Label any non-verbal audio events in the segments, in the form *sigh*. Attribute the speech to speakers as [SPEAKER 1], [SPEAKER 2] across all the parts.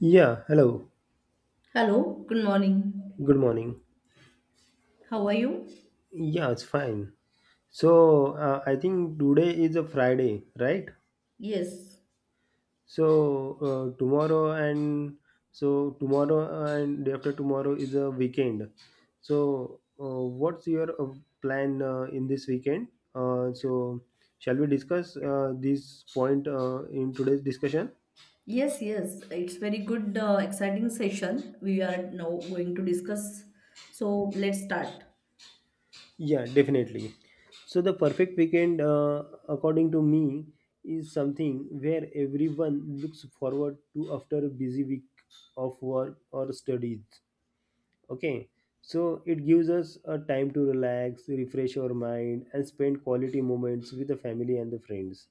[SPEAKER 1] Yeah, hello.
[SPEAKER 2] Hello, good morning.
[SPEAKER 1] Good morning.
[SPEAKER 2] How are you?
[SPEAKER 1] Yeah, it's fine. So, I think today is a Friday, right?
[SPEAKER 2] Yes,
[SPEAKER 1] So, uh, tomorrow and so tomorrow and day after tomorrow is a weekend. So, what's your plan in this weekend? Uh, so, shall we discuss this point in today's discussion?
[SPEAKER 2] yes. It's very good, exciting session. We are now going to discuss. So let's start.
[SPEAKER 1] Yeah, definitely. So the perfect weekend, according to me, is something where everyone looks forward to after a busy week of work or studies. Okay, so it gives us a time to relax, refresh our mind, and spend quality moments with the family and the friends.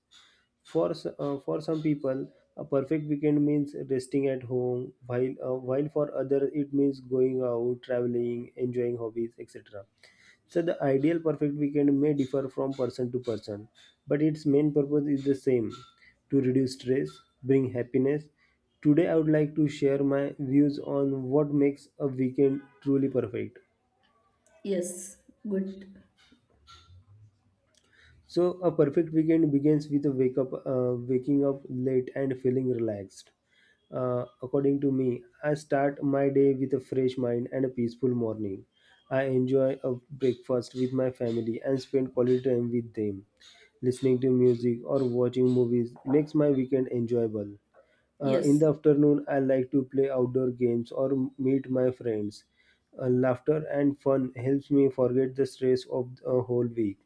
[SPEAKER 1] For some people, a perfect weekend means resting at home, while for others it means going out, traveling, enjoying hobbies, etc. So the ideal perfect weekend may differ from person to person, but its main purpose is the same: to reduce stress, bring happiness. Today, I would like to share my views on what makes a weekend truly perfect.
[SPEAKER 2] Yes, good.
[SPEAKER 1] So a perfect weekend begins with a waking up late and feeling relaxed. According to me, I start my day with a fresh mind and a peaceful morning. I enjoy a breakfast with my family and spend quality time with them. Listening to music or watching movies makes my weekend enjoyable. In the
[SPEAKER 2] Yes,
[SPEAKER 1] afternoon, I like to play outdoor games or meet my friends. Laughter and fun helps me forget the stress of a whole week.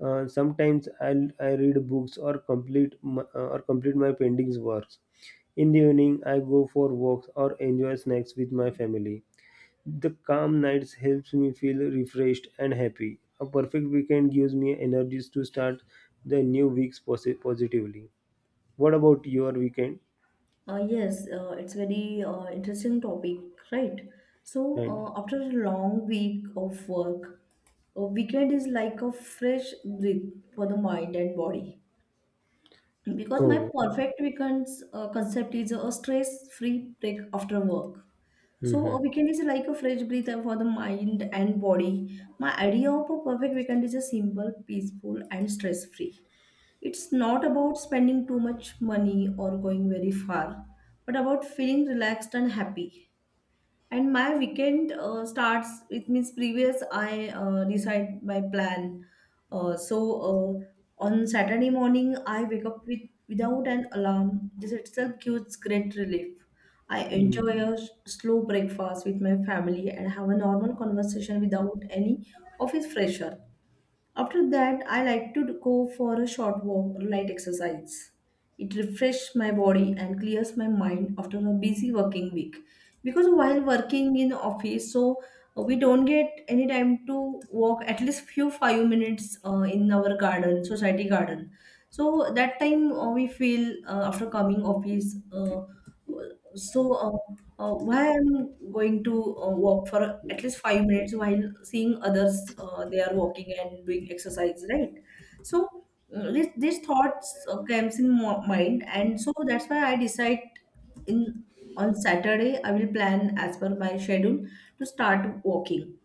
[SPEAKER 1] Sometimes I read books or complete my pending works. In the evening, I go for walks or enjoy snacks with my family. The calm nights helps me feel refreshed and happy. A perfect weekend gives me energies to start the new weeks positively. What about your weekend?
[SPEAKER 2] yes, it's very interesting topic, right? So
[SPEAKER 1] And
[SPEAKER 2] after a long week of work, a weekend is like a fresh breath for the mind and body. Because my
[SPEAKER 1] oh,
[SPEAKER 2] perfect weekends concept is a stress-free break after work. So
[SPEAKER 1] mhm.
[SPEAKER 2] a weekend is like a fresh breather for the mind and body. My idea of a perfect weekend is a simple, peaceful, and stress-free. It's not about spending too much money or going very far, but about feeling relaxed and happy, and my weekend starts. It means previous I decide my plan, so on Saturday morning I wake up with without an alarm. This itself gives great relief. I enjoy a slow breakfast with my family and have a normal conversation without any office pressure. After that, I like to go for a short walk or light exercise. It refreshes my body and clears my mind after a busy working week. Because while working in office, we don't get any time to walk at least few 5 minutes in our garden, society garden. So that time we feel after coming office, so uh, why I'm going to walk for at least 5 minutes while seeing others they are walking and doing exercise, right? So this these thoughts comes in mind, and so that's why I decide in on Saturday I will plan as per my schedule to start walking.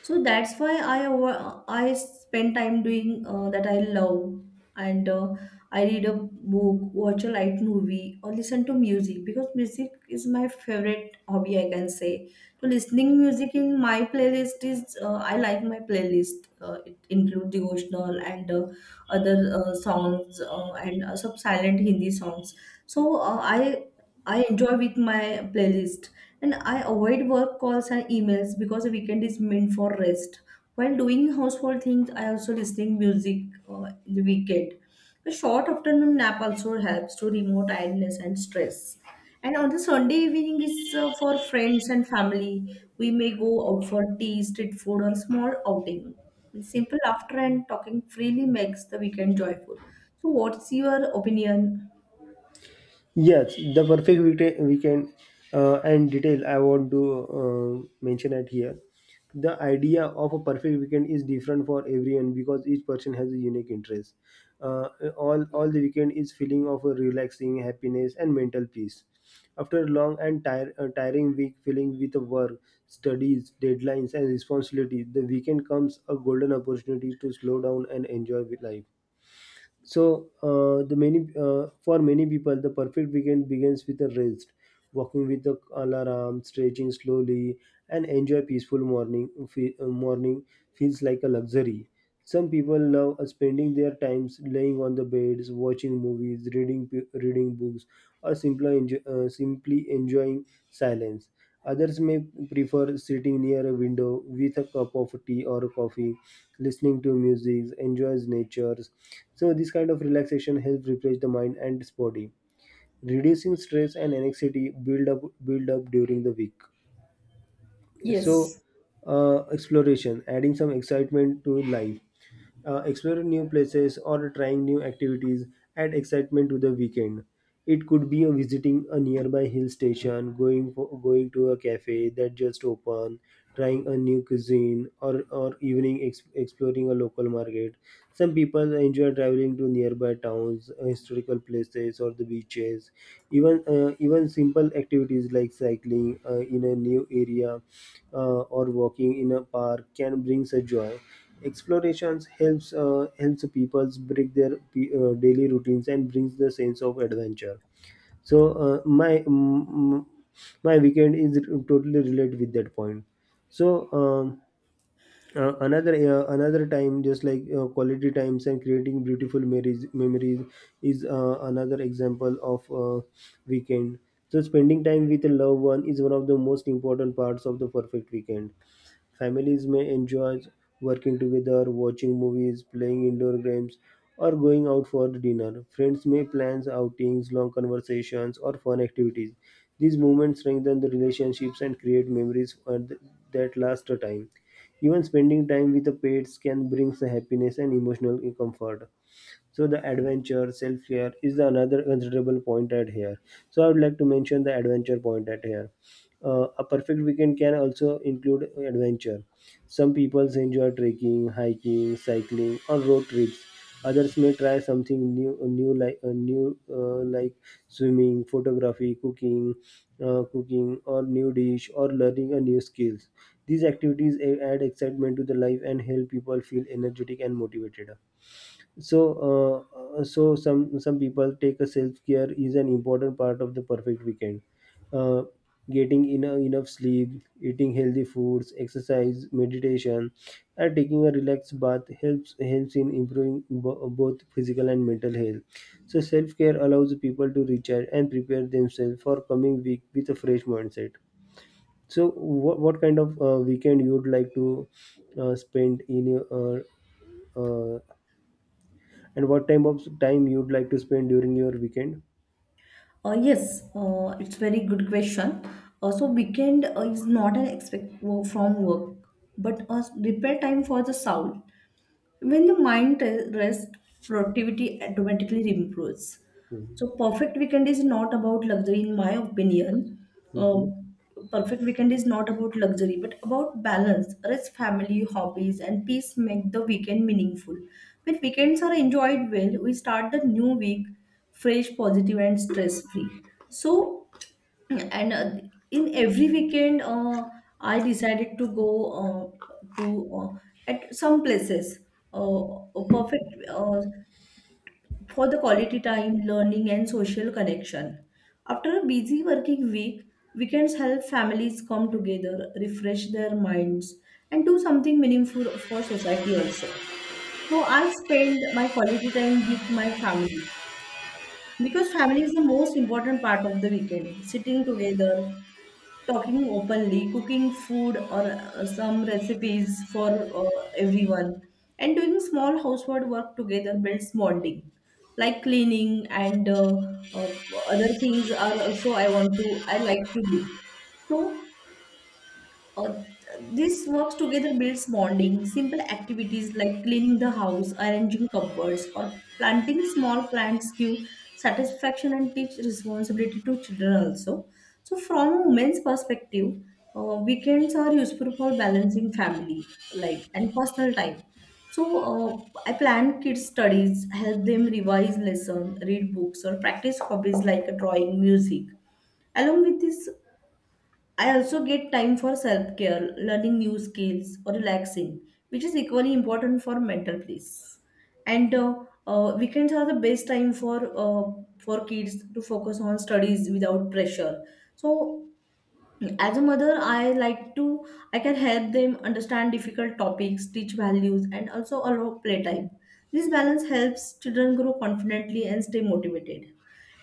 [SPEAKER 2] So that's why I spend time doing that I love. And I read a book, watch a light movie, or listen to music, because music is my favorite hobby, I can say. So listening music in my playlist is I like my playlist. It includes devotional and other songs, and some silent Hindi songs. So I enjoy with my playlist, and I avoid work calls and emails because a weekend is meant for rest. While doing household things, I also listening music in the weekend. A short afternoon nap also helps to remove tiredness and stress. And on the Sunday evening is for friends and family. We may go out for tea, street food, or small outing. Simple laughter and talking freely makes the weekend joyful. So, what's your opinion?
[SPEAKER 1] Yes, the perfect weekend, and detail I want to mention at here. The idea of a perfect weekend is different for everyone because each person has a unique interest. Uh, all the weekend is feeling of a relaxing happiness and mental peace. After a long and tiring week filling with work, studies, deadlines, and responsibility, the weekend comes a golden opportunity to slow down and enjoy life. So uh, the many uh, for many people, the perfect weekend begins with a rest, walking with the alarm, stretching slowly, and enjoy peaceful morning. Morning feels like a luxury. Some people love spending their times laying on the beds, watching movies, reading books, or simply enjoying silence. Others may prefer sitting near a window with a cup of tea or coffee, listening to music, enjoys nature. So this kind of relaxation helps refresh the mind and body, reducing stress and anxiety build up during the week. so
[SPEAKER 2] Yes.
[SPEAKER 1] Exploration adding some excitement to life, exploring new places or trying new activities add excitement to the weekend. It could be a visiting a nearby hill station, going to a cafe that just opened, trying a new cuisine, or evening exploring a local market. Some people enjoy traveling to nearby towns, historical places, or the beaches. Even simple activities like cycling in a new area or walking in a park can bring such joy. Explorations helps people break their daily routines and brings the sense of adventure. So uh, my mm, mm, my weekend is totally related with that point. So um, uh, another uh, another time just like quality times and creating beautiful memories is another example of weekend. So spending time with a loved one is one of the most important parts of the perfect weekend. Families may enjoy working together, watching movies, playing indoor games, or going out for dinner. Friends may plan outings, long conversations, or fun activities. These moments strengthen the relationships and create memories that last a time. Even spending time with the pets can bring happiness and emotional comfort. So the adventure, self-care is the another considerable point at here. So I would like to mention the adventure point at here. A perfect weekend can also include adventure. Some people enjoy trekking, hiking, cycling, or road trips. Others may try something new like swimming, photography, cooking, or new dish, or learning a new skills. These activities add excitement to the life and help people feel energetic and motivated. So uh, uh, so some some people take a self care is an important part of the perfect weekend. Uh, getting enough, enough sleep, eating healthy foods, exercise, meditation, and taking a relaxed bath helps in improving both physical and mental health. So self care allows people to recharge and prepare themselves for coming week with a fresh mindset. So what kind of weekend you would like to spend in your uh, uh, and what time of time you'd like to spend during your weekend?
[SPEAKER 2] Yes, it's very good question. So weekend is not an expect from work, but a repair time for the soul. When the mind rests, productivity automatically improves. So, perfect weekend is not about luxury, in my opinion.
[SPEAKER 1] Hmm.
[SPEAKER 2] Um, perfect weekend is not about luxury, but about balance. Rest, family, hobbies, and peace make the weekend meaningful. When weekends are enjoyed well, we start the new week fresh, positive, and stress free. So, and in every weekend I decided to go to uh, at some places, uh, a perfect for the quality time, learning, and social connection. After a busy working week, weekends help families come together, refresh their minds, and do something meaningful for society also. So I spend my quality time with my family because family is the most important part of the weekend. Sitting together, talking openly, cooking food or some recipes for everyone, and doing small household work together builds bonding, like cleaning and uh, other things are also I like to do. So uh, this works together builds bonding. Simple activities like cleaning the house, arranging cupboards, or planting small plants give satisfaction and teach responsibility to children also. So, from a woman's perspective, weekends are useful for balancing family life and personal time. So, I plan kids' studies, help them revise lesson, read books, or practice hobbies like drawing, music. Along with this, I also get time for self care, learning new skills, or relaxing, which is equally important for mental peace. And weekends are the best time for kids to focus on studies without pressure. So as a mother, I can help them understand difficult topics, teach values, and also allow playtime. This balance helps children grow confidently and stay motivated.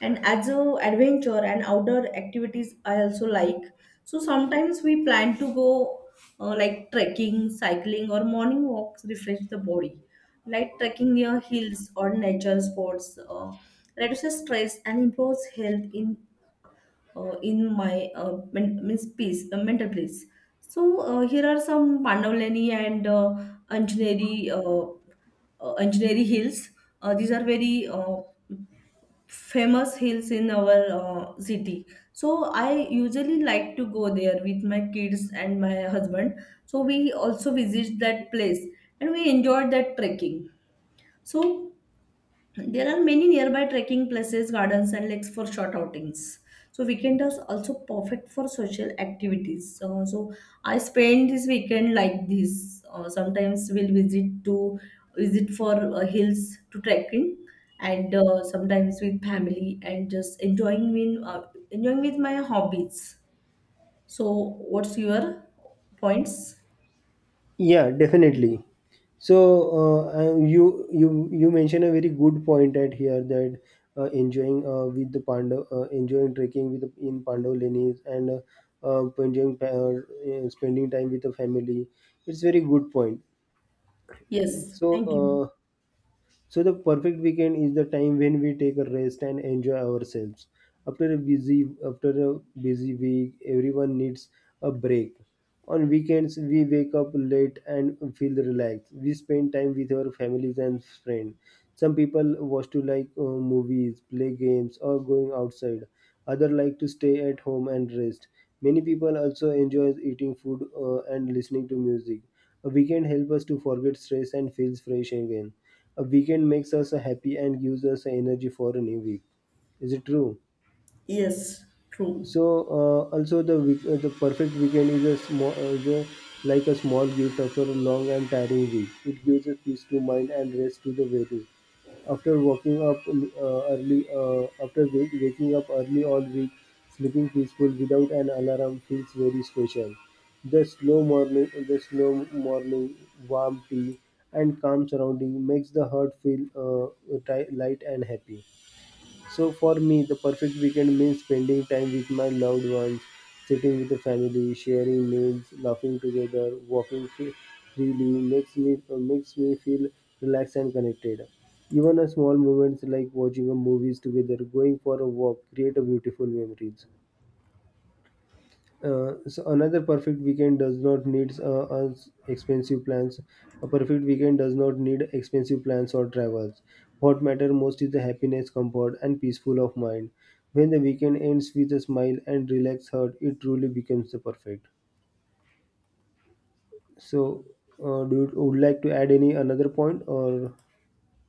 [SPEAKER 2] And as a adventure and outdoor activities, I also like. So sometimes we plan to go like trekking, cycling, or morning walks, refresh the body. Like trekking near hills or nature sports reduces stress and improves health in my men- means peace, mental peace. So here are some Pandavleni and Anjaneri uh, Anjaneri hills. These are very famous hills in our city. So I usually like to go there with my kids and my husband. So we also visit that place and we enjoyed that trekking. So there are many nearby trekking places, gardens, and lakes for short outings. So weekend is also perfect for social activities. So I spend this weekend like this. Sometimes we'll visit for hills to trekking, and sometimes with family and just enjoying with my hobbies. So what's your points?
[SPEAKER 1] Yeah, definitely. So uh, uh, you you you mentioned a very good point at here that enjoying enjoying trekking with in Pandav Lenis and spending time with the family. It's very good point.
[SPEAKER 2] Yes,
[SPEAKER 1] So
[SPEAKER 2] thank you.
[SPEAKER 1] uh, So the perfect weekend is the time when we take a rest and enjoy ourselves. After a busy week, everyone needs a break. On weekends, we wake up late and feel relaxed. We spend time with our families and friends. Some people watch to like movies, play games, or going outside. Others like to stay at home and rest. Many people also enjoy eating food and listening to music. A weekend helps us to forget stress and feels fresh again. A weekend makes us happy and gives us energy for a new week. Is it true?
[SPEAKER 2] Yes, true.
[SPEAKER 1] So also the perfect weekend is a small, like a small gift after a long and tiring week. It gives a peace to mind and rest to the body. After waking up early all week, sleeping peaceful without an alarm feels very special. The slow morning, warm tea, and calm surrounding makes the heart feel light and happy. So for me, the perfect weekend means spending time with my loved ones, sitting with the family, sharing meals, laughing together, walking freely makes me feel relaxed and connected. Even a small moments like watching a movies together, going for a walk, create a beautiful memories. So another perfect weekend does not need us expensive plans. A perfect weekend does not need expensive plans or travels. What matter most is the happiness, comfort, and peaceful of mind. When the weekend ends with a smile and relaxed heart, it truly becomes the perfect. So, do you would like to add any another point or?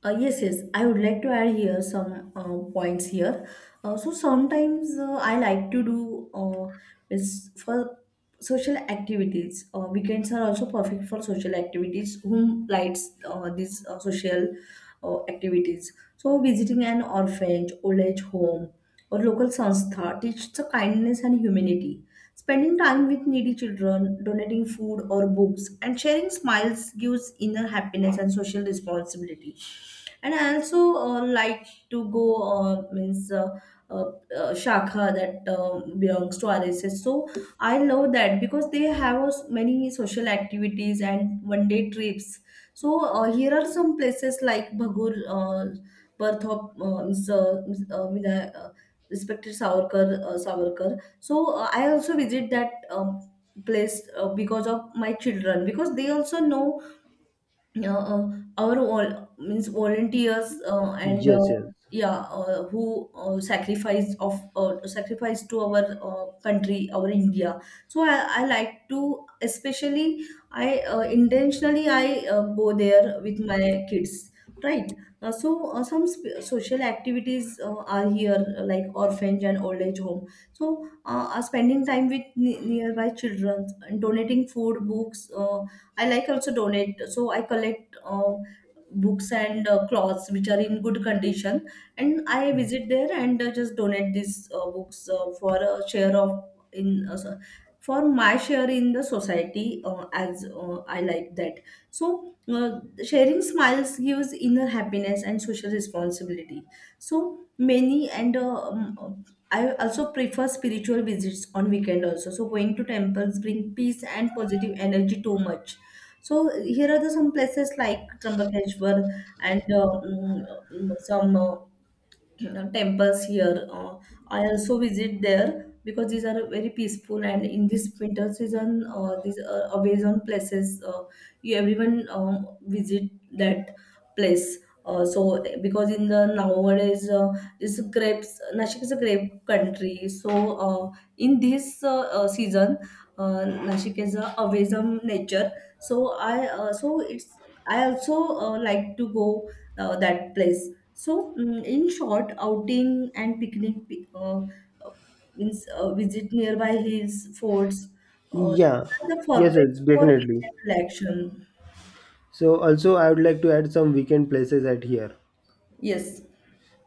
[SPEAKER 2] Yes. I would like to add here some points here. So sometimes I like to do is for social activities. Weekends are also perfect for social activities. Whom likes these social activities? So visiting an orphanage, old age home, or local sanstha teaches the kindness and humanity. Spending time with needy children, donating food or books, and sharing smiles gives inner happiness and social responsibility. And I also like to go, means uh, shakha that belongs to RSS. So I love that because they have many social activities and one day trips. So here are some places like Bhagur, birth of respected Savarkar. So I also visit that place because of my children, because they also know uh, uh, our vol- means volunteers uh, and
[SPEAKER 1] Yes,
[SPEAKER 2] uh,
[SPEAKER 1] yes.
[SPEAKER 2] yeah, who sacrificed to our country, our India. So I like to, especially I intentionally I go there with my kids, right? So some social activities are here like orphanage and old age home. So spending time with nearby children and donating food books, I like also donate. So I collect books and clothes which are in good condition, and I visit there and just donate these books for a share of in uh, so- for my share in the society, as I like that. So sharing smiles gives inner happiness and social responsibility. So many and I also prefer spiritual visits on weekend also. So going to temples bring peace and positive energy too much. So here are the some places like Trimbakeshwar and some *clears throat* temples here. I also visit there because these are very peaceful, and in this winter season, these are amazing places. You everyone visit that place. So because in the nowadays, this grapes Nashik is a grape country. So in this season, Nashik is a amazing nature. So I so it's I also like to go that place. In short, outing and picnic pi- uh, means visit nearby hills, forts, uh, are
[SPEAKER 1] Yeah,
[SPEAKER 2] the
[SPEAKER 1] yes,
[SPEAKER 2] perfect
[SPEAKER 1] yes,
[SPEAKER 2] for
[SPEAKER 1] definitely.
[SPEAKER 2] weekend relaxation.
[SPEAKER 1] So also I would like to add some weekend places at here.
[SPEAKER 2] Yes,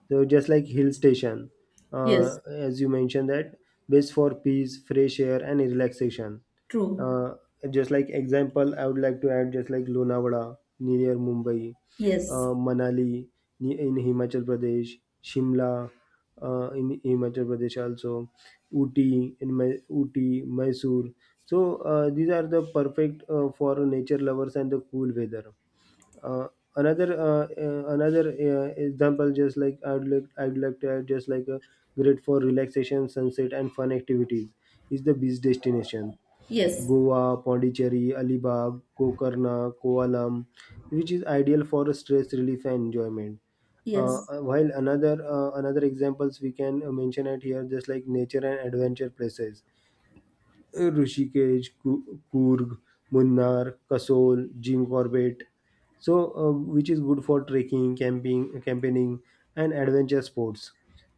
[SPEAKER 1] So just like hill station,
[SPEAKER 2] yes,
[SPEAKER 1] as you mentioned that best for peace, fresh air, and relaxation.
[SPEAKER 2] true.
[SPEAKER 1] Uh, just like example, I would like to add just like Lonavala near Mumbai,
[SPEAKER 2] Yes,
[SPEAKER 1] Manali in Himachal Pradesh, Shimla in Himachal Pradesh also, Uti in Uti, Mysore. So these are the perfect for nature lovers and the cool weather. Uh, another another example just like I'd like I'd like to add just like a great for relaxation, sunset, and fun activities is the beach destination:
[SPEAKER 2] yes,
[SPEAKER 1] Goa, Pondicherry, Alibag, Gokarna, Koalam, which is ideal for stress relief and enjoyment. uh,
[SPEAKER 2] yes,
[SPEAKER 1] uh, while another uh, another examples we can mention it here just like nature and adventure places: Rishikesh, Coorg, Munnar, Kasol, Jim Corbett. So, which is good for trekking, camping, campaigning, and adventure sports.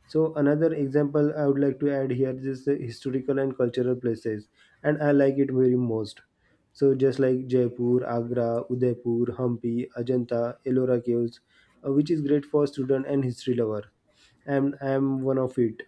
[SPEAKER 1] So, another example I would like to add here is the historical and cultural places, and I like it very most. So, just like Jaipur, Agra, Udaipur, Hampi, Ajanta, Ellora Caves, which is great for student and history lover. And I am one of it.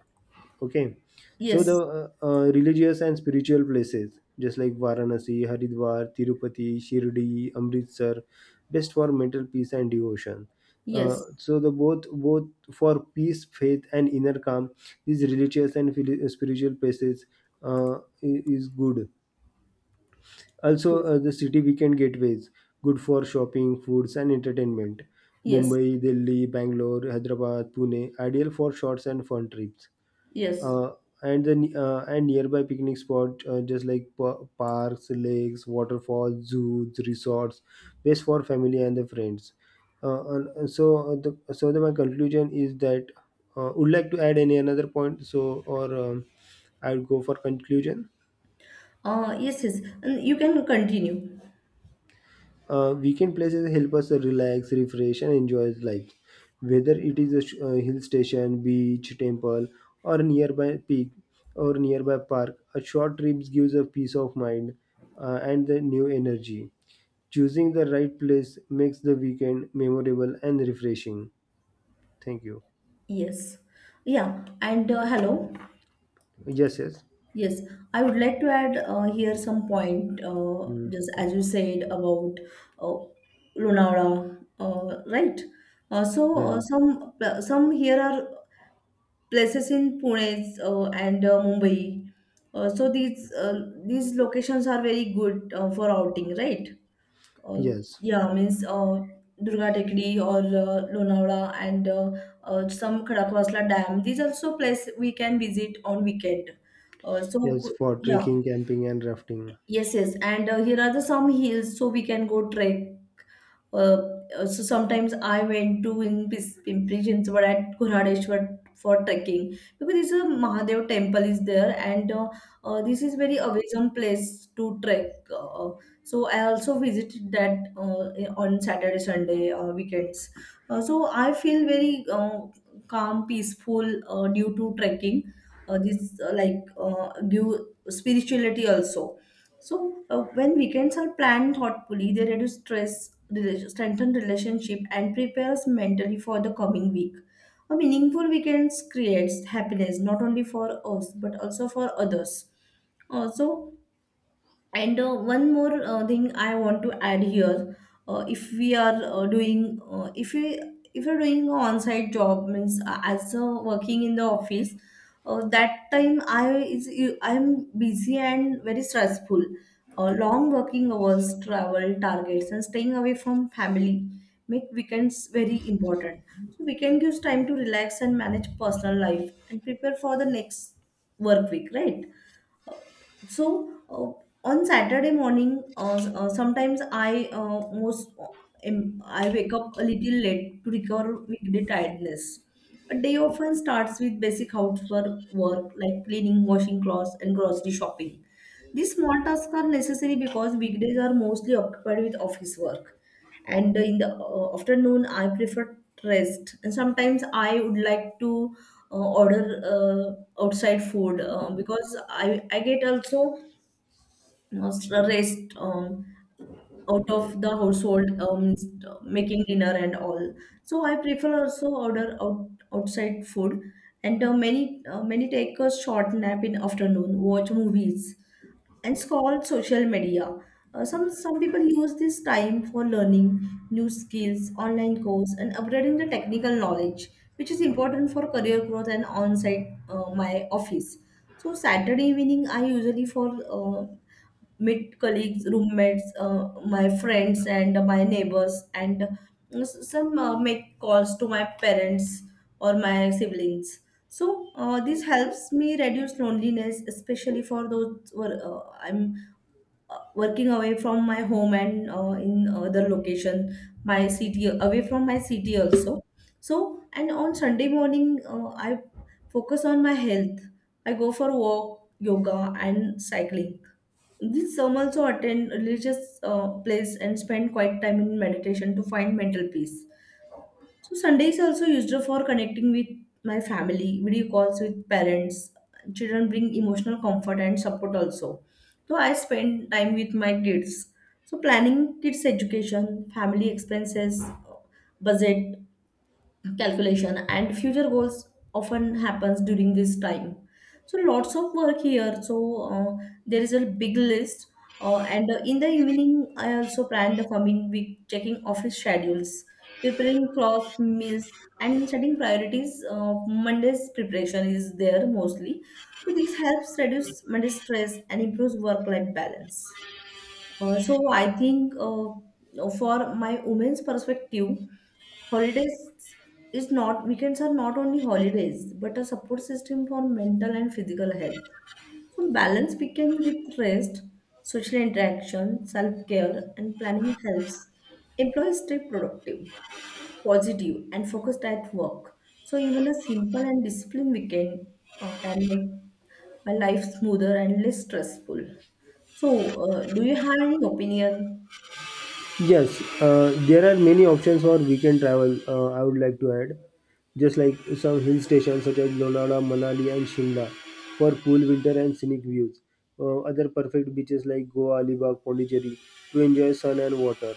[SPEAKER 1] Okay, so the
[SPEAKER 2] yes,
[SPEAKER 1] religious and spiritual places, just like Varanasi, Haridwar, Tirupati, Shirdi, Amritsar, best for mental peace and devotion.
[SPEAKER 2] yes,
[SPEAKER 1] So the both both for peace, faith, and inner calm, these religious and spiritual places uh, is good. Also,
[SPEAKER 2] yes,
[SPEAKER 1] the city weekend gateways, good for shopping, foods, and entertainment.
[SPEAKER 2] yes,
[SPEAKER 1] Mumbai, Delhi, Bangalore, Hyderabad, Pune, ideal for shorts and fun trips.
[SPEAKER 2] yes.
[SPEAKER 1] Uh, and then uh, and nearby picnic spot, just like pa- parks, lakes, waterfalls, zoos, resorts, best for family and the friends. And so the so the, My conclusion is that, would like to add any another point, or I would go for conclusion.
[SPEAKER 2] Yes. And you can continue.
[SPEAKER 1] Weekend places help us relax, refresh, and enjoy life. Whether it is a hill station, beach, temple, or nearby peak or nearby park, a short trip gives a peace of mind and the new energy. Choosing the right place makes the weekend memorable and refreshing. Thank you.
[SPEAKER 2] Yes. Yeah. And hello.
[SPEAKER 1] Yes, yes.
[SPEAKER 2] Yes, I would like to add here some point,
[SPEAKER 1] Hmm.
[SPEAKER 2] just as you said about uh, Lonavala, right? Uh, so uh,
[SPEAKER 1] Right.
[SPEAKER 2] some some here are places in Pune and Mumbai. So these locations are very good for outing, right? Uh,
[SPEAKER 1] Yes.
[SPEAKER 2] yeah, means Durga Tekdi or Lonavala and some Khadakwasla Dam. These also place we can visit on weekend. Uh, so
[SPEAKER 1] Yes,
[SPEAKER 2] go-
[SPEAKER 1] for
[SPEAKER 2] yeah.
[SPEAKER 1] trekking, camping, and rafting.
[SPEAKER 2] Yes, yes. And here are the some hills so we can go trek. Uh, so sometimes I went to in Pimpri Chinchwad at Gurhadeshwar for trekking, because this is a Mahadev temple is there, and this is very amazing place to trek. So I also visited that on Saturday, Sunday weekends. So I feel very calm, peaceful due to trekking. This give spirituality also. When weekends are planned thoughtfully, they reduce stress, strengthen relationship, and prepare us mentally for the coming week. A meaningful weekends creates happiness not only for us but also for others. Also, and one more thing I want to add here, if we are doing, if we if you're doing an on-site job means as working in the office, that time I is I'm busy and very stressful. Long working hours, travel targets, and staying away from family make weekends very important. So weekend gives time to relax and manage personal life and prepare for the next work week, right? So on Saturday morning, s- sometimes I most I wake up a little late to recover weekday tiredness. A day often starts with basic housework work like cleaning, washing clothes, and grocery shopping. These small tasks are necessary because weekdays are mostly occupied with office work. And in the afternoon I prefer rest, and sometimes I would like to order outside food because I get also rest out of the household making dinner and all, so I prefer also outside food. And many take a short nap in afternoon, watch movies, and it's called social media. Some people use this time for learning new skills, online course, and upgrading the technical knowledge, which is important for career growth. And on-site my office. So Saturday evening I usually for uh, meet colleagues, roommates, my friends, and my neighbors, and s- some make calls to my parents or my siblings. So this helps me reduce loneliness, especially for those who are, I'm working away from my home and in other location, my city, away from my city also. So and on Sunday morning, I focus on my health. I go for walk, yoga, and cycling. This some also attend religious place and spend quiet time in meditation to find mental peace. So Sunday is also used for connecting with my family, video calls with parents. Children bring emotional comfort and support also. So I spend time with my kids. So planning kids' education, family expenses, budget, calculation, and future goals often happens during this time. So lots of work here. So uh, there is a big list. And In the evening I also plan the coming week, checking office schedules, preparing cloth meals, and setting priorities. Monday's preparation is there mostly, so this helps reduce Monday stress and improves work life balance. So I think, for my women's perspective, holidays is not, weekends are not only holidays but a support system for mental and physical health. So balance begins with rest, social interaction, self-care, and planning helps employees stay productive, positive, and focused at work. So even a simple and disciplined weekend can make a life smoother and less stressful. So, do you have any opinion?
[SPEAKER 1] Yes, there are many options for weekend travel. I would like to add just like some hill stations such as Lonavala, Manali, and Shimla for cool winter and scenic views. Other perfect beaches like Goa, Alibag, Pondicherry to enjoy sun and water.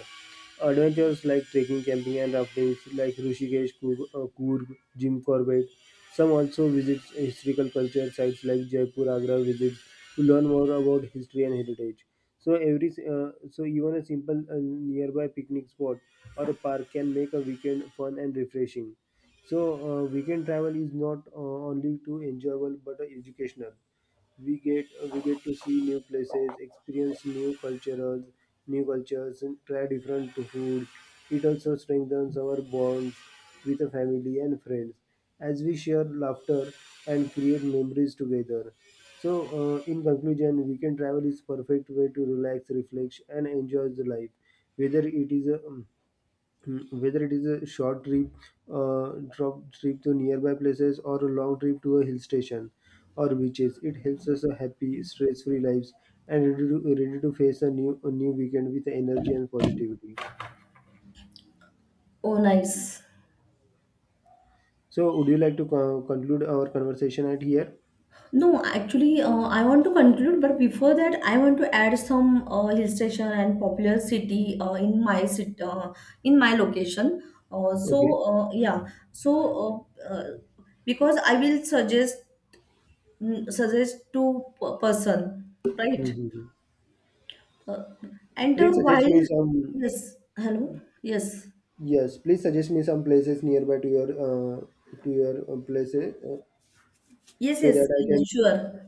[SPEAKER 1] Adventures like trekking, camping, and rafting like Rishikesh, Coorg, Jim Corbett. Some also visit historical culture sites like Jaipur, Agra, visits to learn more about history and heritage. So even a simple nearby picnic spot or a park can make a weekend fun and refreshing. So weekend travel is not only to enjoyable but educational. We get to see new places, experience new cultures, and try different foods. It also strengthens our bonds with the family and friends as we share laughter and create memories together. So in conclusion, weekend travel is perfect way to relax, reflect, and enjoy the life. Whether it is a Mm, whether it is a short trip, drop trip to nearby places, or a long trip to a hill station or beaches, it helps us a happy, stress-free lives and ready to face a new weekend with energy and positivity.
[SPEAKER 2] Oh, nice.
[SPEAKER 1] So, would you like to conclude our conversation at here?
[SPEAKER 2] No, actually, I want to conclude, but before that, I want to add some hill station and popular city in my city, in my location.
[SPEAKER 1] Okay.
[SPEAKER 2] Yeah, so because I will suggest, mm, suggest to p- person, right?
[SPEAKER 1] Mhm.
[SPEAKER 2] Uh, and
[SPEAKER 1] Please suggest
[SPEAKER 2] While
[SPEAKER 1] me some.
[SPEAKER 2] yes, hello, yes,
[SPEAKER 1] Yes, please suggest me some places nearby to your places
[SPEAKER 2] yes,
[SPEAKER 1] so that
[SPEAKER 2] yes,
[SPEAKER 1] I can.
[SPEAKER 2] yes, sure.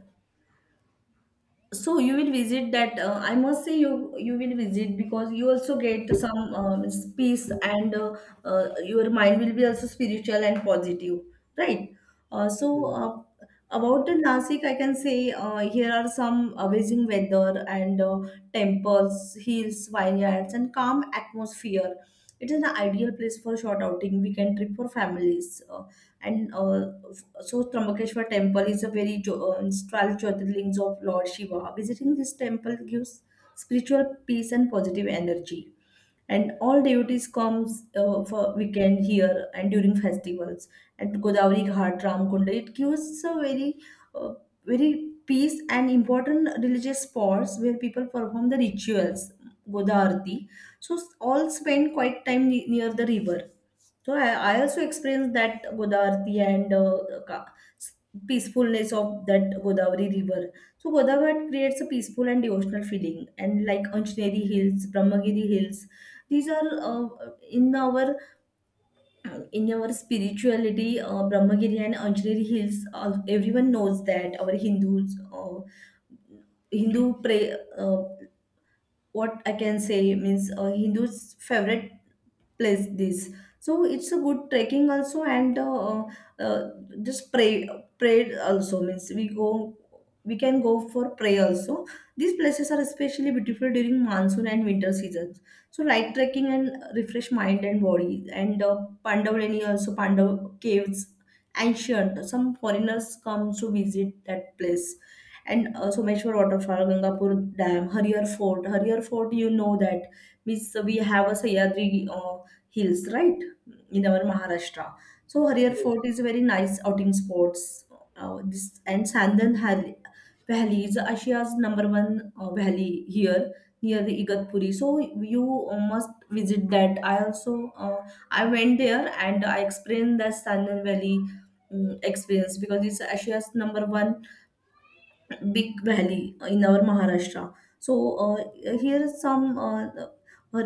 [SPEAKER 2] So you will visit that. I must say you will visit because you also get some means peace and your mind will be also spiritual and positive, right?
[SPEAKER 1] Mm.
[SPEAKER 2] About the Nasik, I can say here are some amazing weather and temples, hills, vineyards, and calm atmosphere. It is an ideal place for short outing, weekend trip for families, and so Trambakeshwar temple is a very 12 Jyotirlings of Lord Shiva. Visiting this temple gives spiritual peace and positive energy. And all devotees comes for weekend here and during festivals at Godavari Ghat, Ramkunda. It gives a very, uh, very peace and important religious spots where people perform the rituals, Goda Arati. So all spend quite time near the river. So I also experienced that Godavari and ka- peacefulness of that Godavari river. So Godavari creates a peaceful and devotional feeling, and like Anjaneri Hills, Brahmagiri Hills, these are in our spirituality. Brahmagiri and Anjaneri Hills, everyone knows that our Hindus, Hindu pray. What I can say means Hindus' favorite place this. So it's a good trekking also, and uh, just pray pray also means we can go for prayer also. These places are especially beautiful during monsoon and winter seasons, so light trekking and refresh mind and body. And pandavani also, pandav caves, ancient, some foreigners come to visit that place. And Someshwar waterfall, Gangapur dam, Harihar fort. Harihar fort, you know that means we have a Sahyadri hills, right? In our Maharashtra. So Hariyar
[SPEAKER 1] Yes.
[SPEAKER 2] Fort is a very nice outing spots. This and Valley is Asia's number one valley here near the Igatpuri. So you must visit that. I also I went there and I explained the Sandan Valley experience, because it's Asia's number one big valley in our Maharashtra. So here is some uh,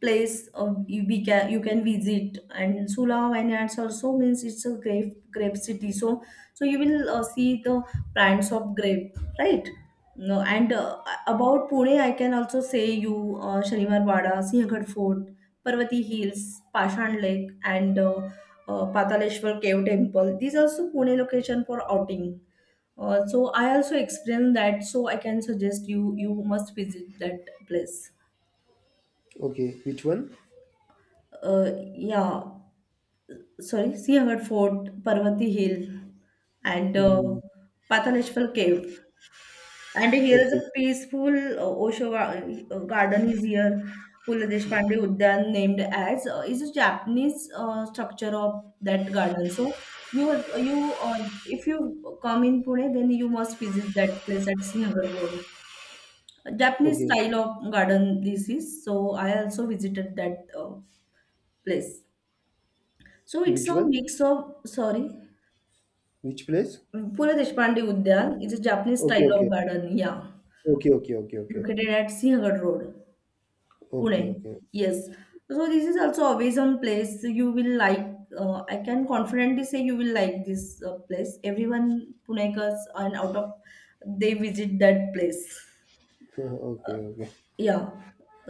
[SPEAKER 2] place you- we can you can visit. And Sula vineyards also means it's a grape city. So so you will see the plants of grape, right? No, and about Pune, I can also say you Shalimar Wada, Sinhgad Fort, Parvati Hills, Pashan Lake, and Pataleshwar Cave Temple. These are also Pune location for outing. So I also explained that, so I can suggest you must visit that place.
[SPEAKER 1] Okay. Which one?
[SPEAKER 2] Yeah, sorry, Siahat Fort, Parvati Hill, and
[SPEAKER 1] Hmm, hmm.
[SPEAKER 2] Pataleshwar Cave. And
[SPEAKER 1] Hmm.
[SPEAKER 2] here is
[SPEAKER 1] Okay.
[SPEAKER 2] a peaceful garden is here. Pula Deshpande Udyan named as is a Japanese structure of that garden. So you was- you if you come in Pune, then you must visit that place at Siahat Road. Japanese
[SPEAKER 1] Okay.
[SPEAKER 2] style of garden this is. So I also visited that place. So it's
[SPEAKER 1] Which
[SPEAKER 2] a
[SPEAKER 1] one?
[SPEAKER 2] mix of, sorry,
[SPEAKER 1] Which place?
[SPEAKER 2] Pula Deshpande Udyan is a Japanese
[SPEAKER 1] Okay,
[SPEAKER 2] style
[SPEAKER 1] okay.
[SPEAKER 2] of garden. Yeah,
[SPEAKER 1] Okay, okay, okay, okay.
[SPEAKER 2] located at Sinhagad Road,
[SPEAKER 1] Okay,
[SPEAKER 2] Pune.
[SPEAKER 1] okay. *laughs*
[SPEAKER 2] Yes. So this is also a vision place. You will like. I can confidently say you will like this place. Everyone Punekas and out of they visit that place.
[SPEAKER 1] Okay, okay.
[SPEAKER 2] Yeah.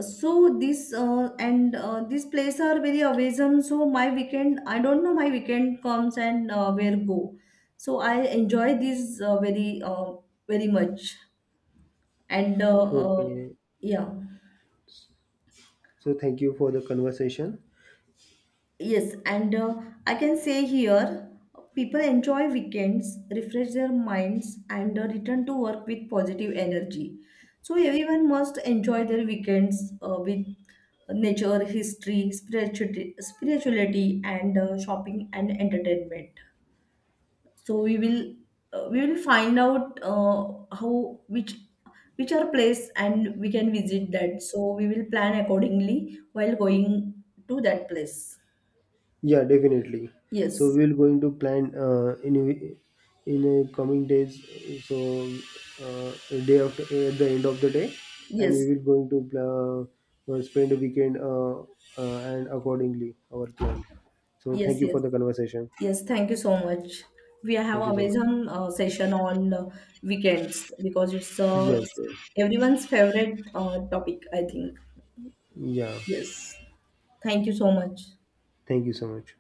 [SPEAKER 2] So this and this place are very awesome. So my weekend I don't know my weekend comes and where go, so I enjoy this very much. And uh,
[SPEAKER 1] Okay.
[SPEAKER 2] yeah.
[SPEAKER 1] So thank you for the conversation.
[SPEAKER 2] Yes, and I can say here people enjoy weekends, refresh their minds, and return to work with positive energy. So, everyone must enjoy their weekends with nature, history, spirituality, spirituality, and shopping and entertainment. So, we will find out how which are place and we can visit that. So, we will plan accordingly while going to that place.
[SPEAKER 1] Yeah, definitely. So
[SPEAKER 2] Yes.
[SPEAKER 1] we're going to plan in the coming days. So a day after at the end of the day, and we
[SPEAKER 2] Yes,
[SPEAKER 1] will going to spend a weekend and accordingly our plan. So thank
[SPEAKER 2] yes,
[SPEAKER 1] you
[SPEAKER 2] yes,
[SPEAKER 1] for the conversation.
[SPEAKER 2] yes. Thank you so much. We have
[SPEAKER 1] Thank you so
[SPEAKER 2] always on session on weekends because it's
[SPEAKER 1] much. Yes, yes.
[SPEAKER 2] everyone's favorite topic, I think.
[SPEAKER 1] Yeah.
[SPEAKER 2] Yes. Thank you so much.
[SPEAKER 1] Thank you so much.